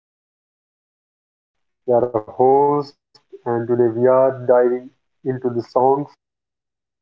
to Music That Shaped Us. I am Alex, your host, and today we are diving into the songs,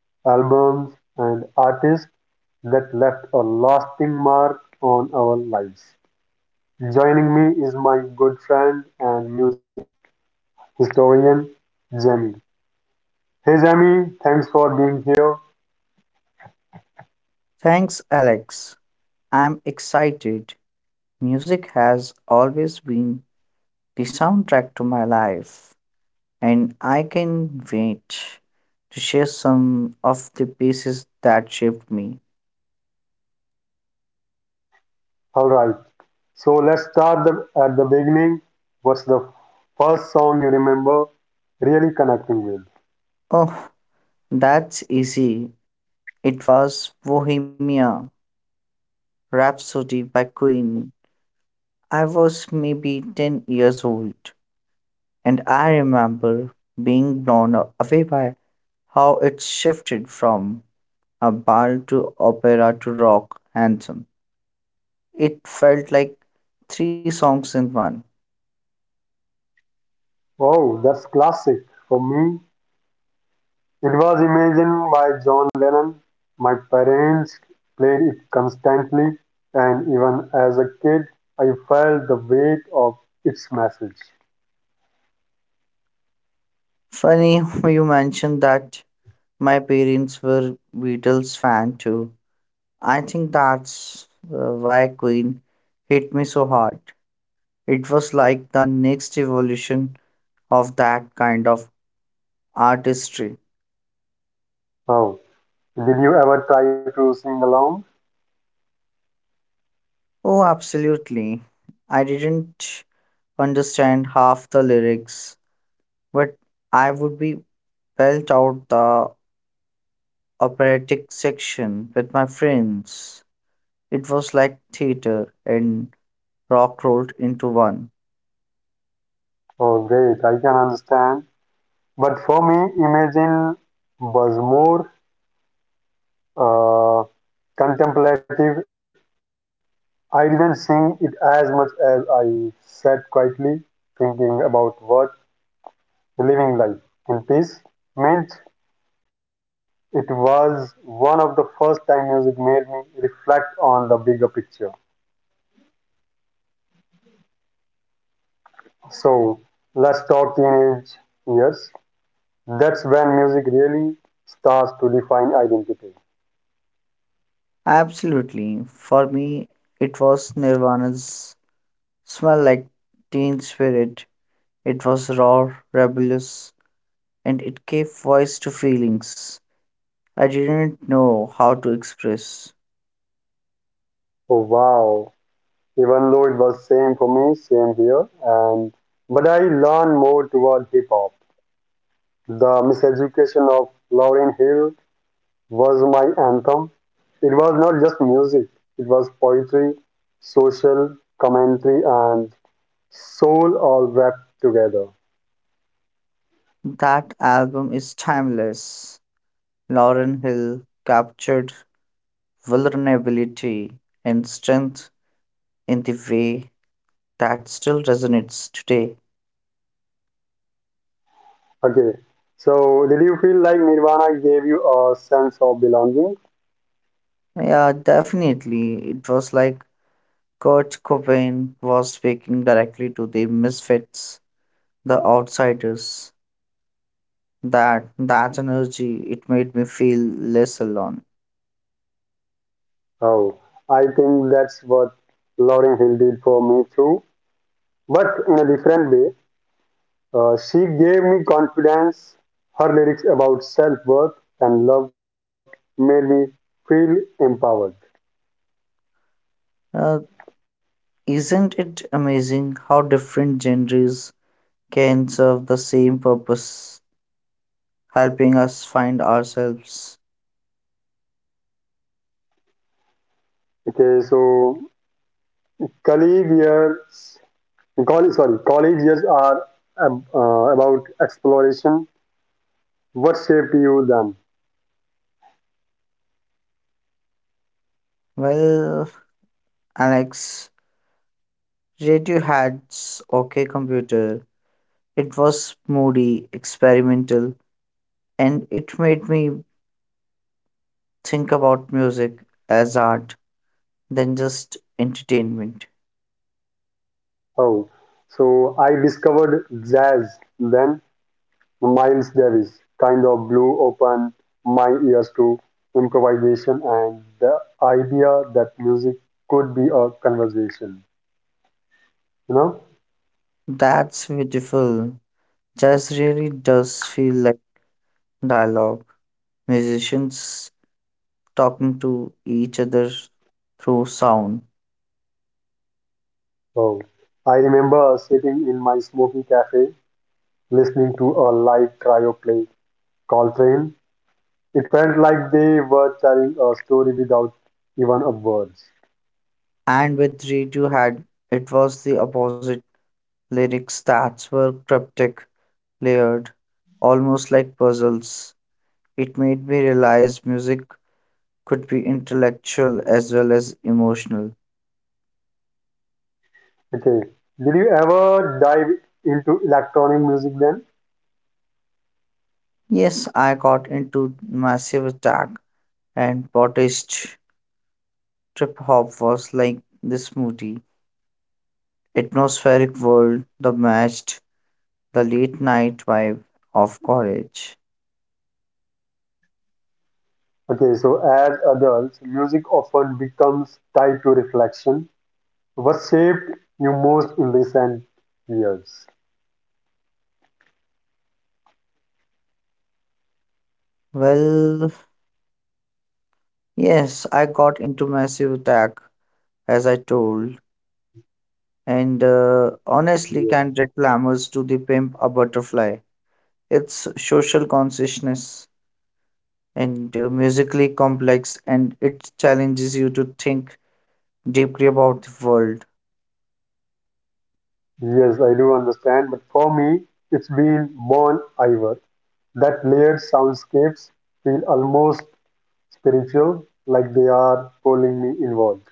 albums, and artists that left a lasting mark on our lives. Joining me is my good friend and music historian, Jamie. Hey, Jamie, thanks for being here. Thanks, Alex. I'm excited. Music has always been the soundtrack to my life, and I can wait to share some of the pieces that shaped me. All right, so at the beginning. What's the first song you remember really connecting with? Oh, that's easy. It was Bohemia Rhapsody by Queen. I was maybe 10 years old, and I remember being blown away by how it shifted from a ballad to opera to rock anthem. It felt like three songs in one. Oh, that's classic. For me, it was Imagine by John Lennon. My parents played it constantly, and even as a kid, I felt the weight of its message. Funny you mentioned that my parents were Beatles fan too. I think that's why Queen hit me so hard. It was like the next evolution of that kind of artistry. Oh, did you ever try to sing along? Oh, absolutely. I didn't understand half the lyrics, but I would be belt out the operatic section with my friends. It was like theater and rock rolled into one. Oh, great, I can understand. But for me, Imagine was more uh, contemplative. I didn't sing it as much as I sat quietly thinking about what Living Life in Peace meant. It was one of the first time music made me reflect on the bigger picture. So let's talk teenage years. That's when music really starts to define identity. Absolutely. For me, it was Nirvana's smell like teen spirit. It was raw, rebellious, and it gave voice to feelings I didn't know how to express. Oh wow. Even though it was same for me, same here and but I learned more toward hip hop. The miseducation of Lauryn Hill was my anthem. It was not just music, it was poetry, social commentary, and soul all wrapped together. That album is timeless. Lauren Hill captured vulnerability and strength in the way that still resonates today. Okay, so did you feel like Nirvana gave you a sense of belonging? Yeah, definitely. It was like Kurt Cobain was speaking directly to the misfits, the outsiders. That energy, it made me feel less alone. Oh, I think that's what Lauryn Hill did for me too, but in a different way. She gave me confidence. Her lyrics about self worth and love made me feel empowered. Uh, isn't it amazing how different genres can serve the same purpose, helping us find ourselves? Okay, so College years, college years are about exploration. What shaped you then? Well, Alex, Radiohead's OK Computer, it was moody, experimental, and it made me think about music as art than just entertainment. Oh, so I discovered jazz then. Miles Davis kind of blew open my ears to improvisation and the idea that music could be a conversation. You know? That's beautiful. Jazz really does feel like dialogue, musicians talking to each other through sound. Oh, I remember sitting in my smoky cafe listening to a live trio play Coltrane. It felt like they were telling a story without even a words. And with Radiohead, it was the opposite. Lyrics that were cryptic, layered, almost like puzzles. It made me realize music could be intellectual as well as emotional. Okay. Did you ever dive into electronic music then? Yes, I got into massive attack and protest. Trip hop was like this Moody, Atmospheric world that matched the late night vibe of college. Okay, so as adults, music often becomes tied to reflection. What shaped you most in recent years? Well, yes, I got into massive attack as I told, and honestly can't Yeah. reclammers to the pimp a butterfly. It's social consciousness and musically complex, and it challenges you to think deeply about the world. Yes, I do understand, but for me, it's been Bon Iver. That layered soundscapes feel almost spiritual, like they are pulling me inward.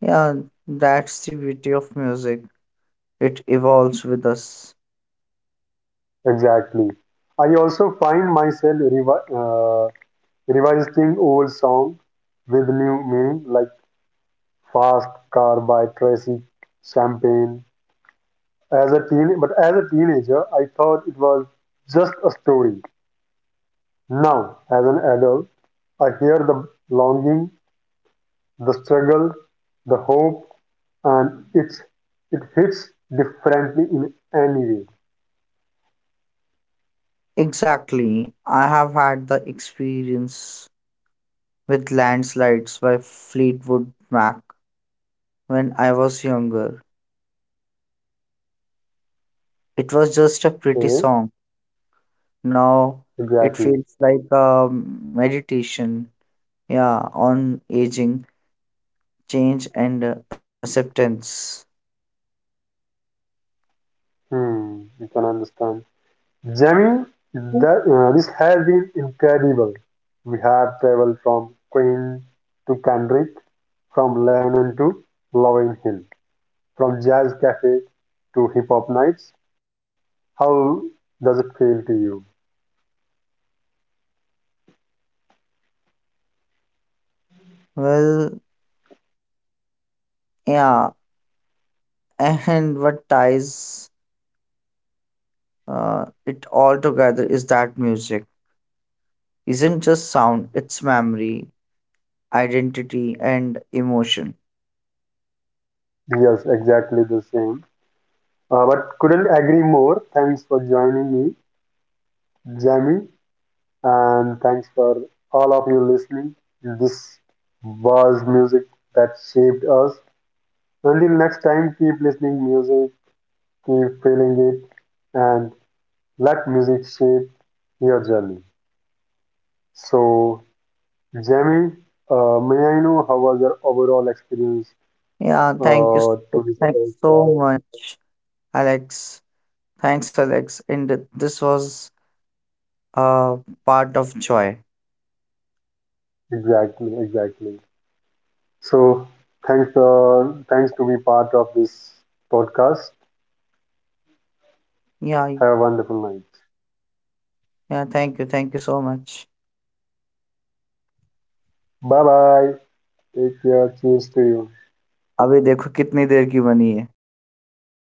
Yeah, that's the beauty of music. It evolves with us. Exactly. I also find myself revisiting old song with new meaning, like "Fast Car" by Tracy Champagne. As a teenager, I thought it was just a story. Now, as an adult, I hear the longing, the struggle, the hope, and it hits differently in any way. Exactly. I have had the experience with Landslides by Fleetwood Mac when I was younger. It was just a pretty Okay, song. Now it exactly. feels like a meditation, yeah, on aging, change, and acceptance. Hmm, you can understand. Jamie, this has been incredible. We have traveled from Queen to Kendrick, from Lennon to Lauryn Hill, from jazz cafe to hip hop nights. How does it feel to you? Well, yeah, and what ties it all together is that music isn't just sound, it's memory, identity, and emotion. Yes, exactly the same. But couldn't agree more. Thanks for joining me, Jamie, and thanks for all of you listening. This was music that shaped us. Until next time, keep listening music, keep feeling it, and let music shape your journey. So, Jamie, may I know how was your overall experience Yeah, thank you. To So, this thanks so podcast? much, Alex. Thanks, Alex. And this was uh, part of joy. Exactly, exactly. So, thanks to be part of this podcast. Yeah, Have a wonderful night. yeah, thank you. Thank you so much. Bye bye. Take care. Cheers to you. अभी देखो कितनी देर की बनी है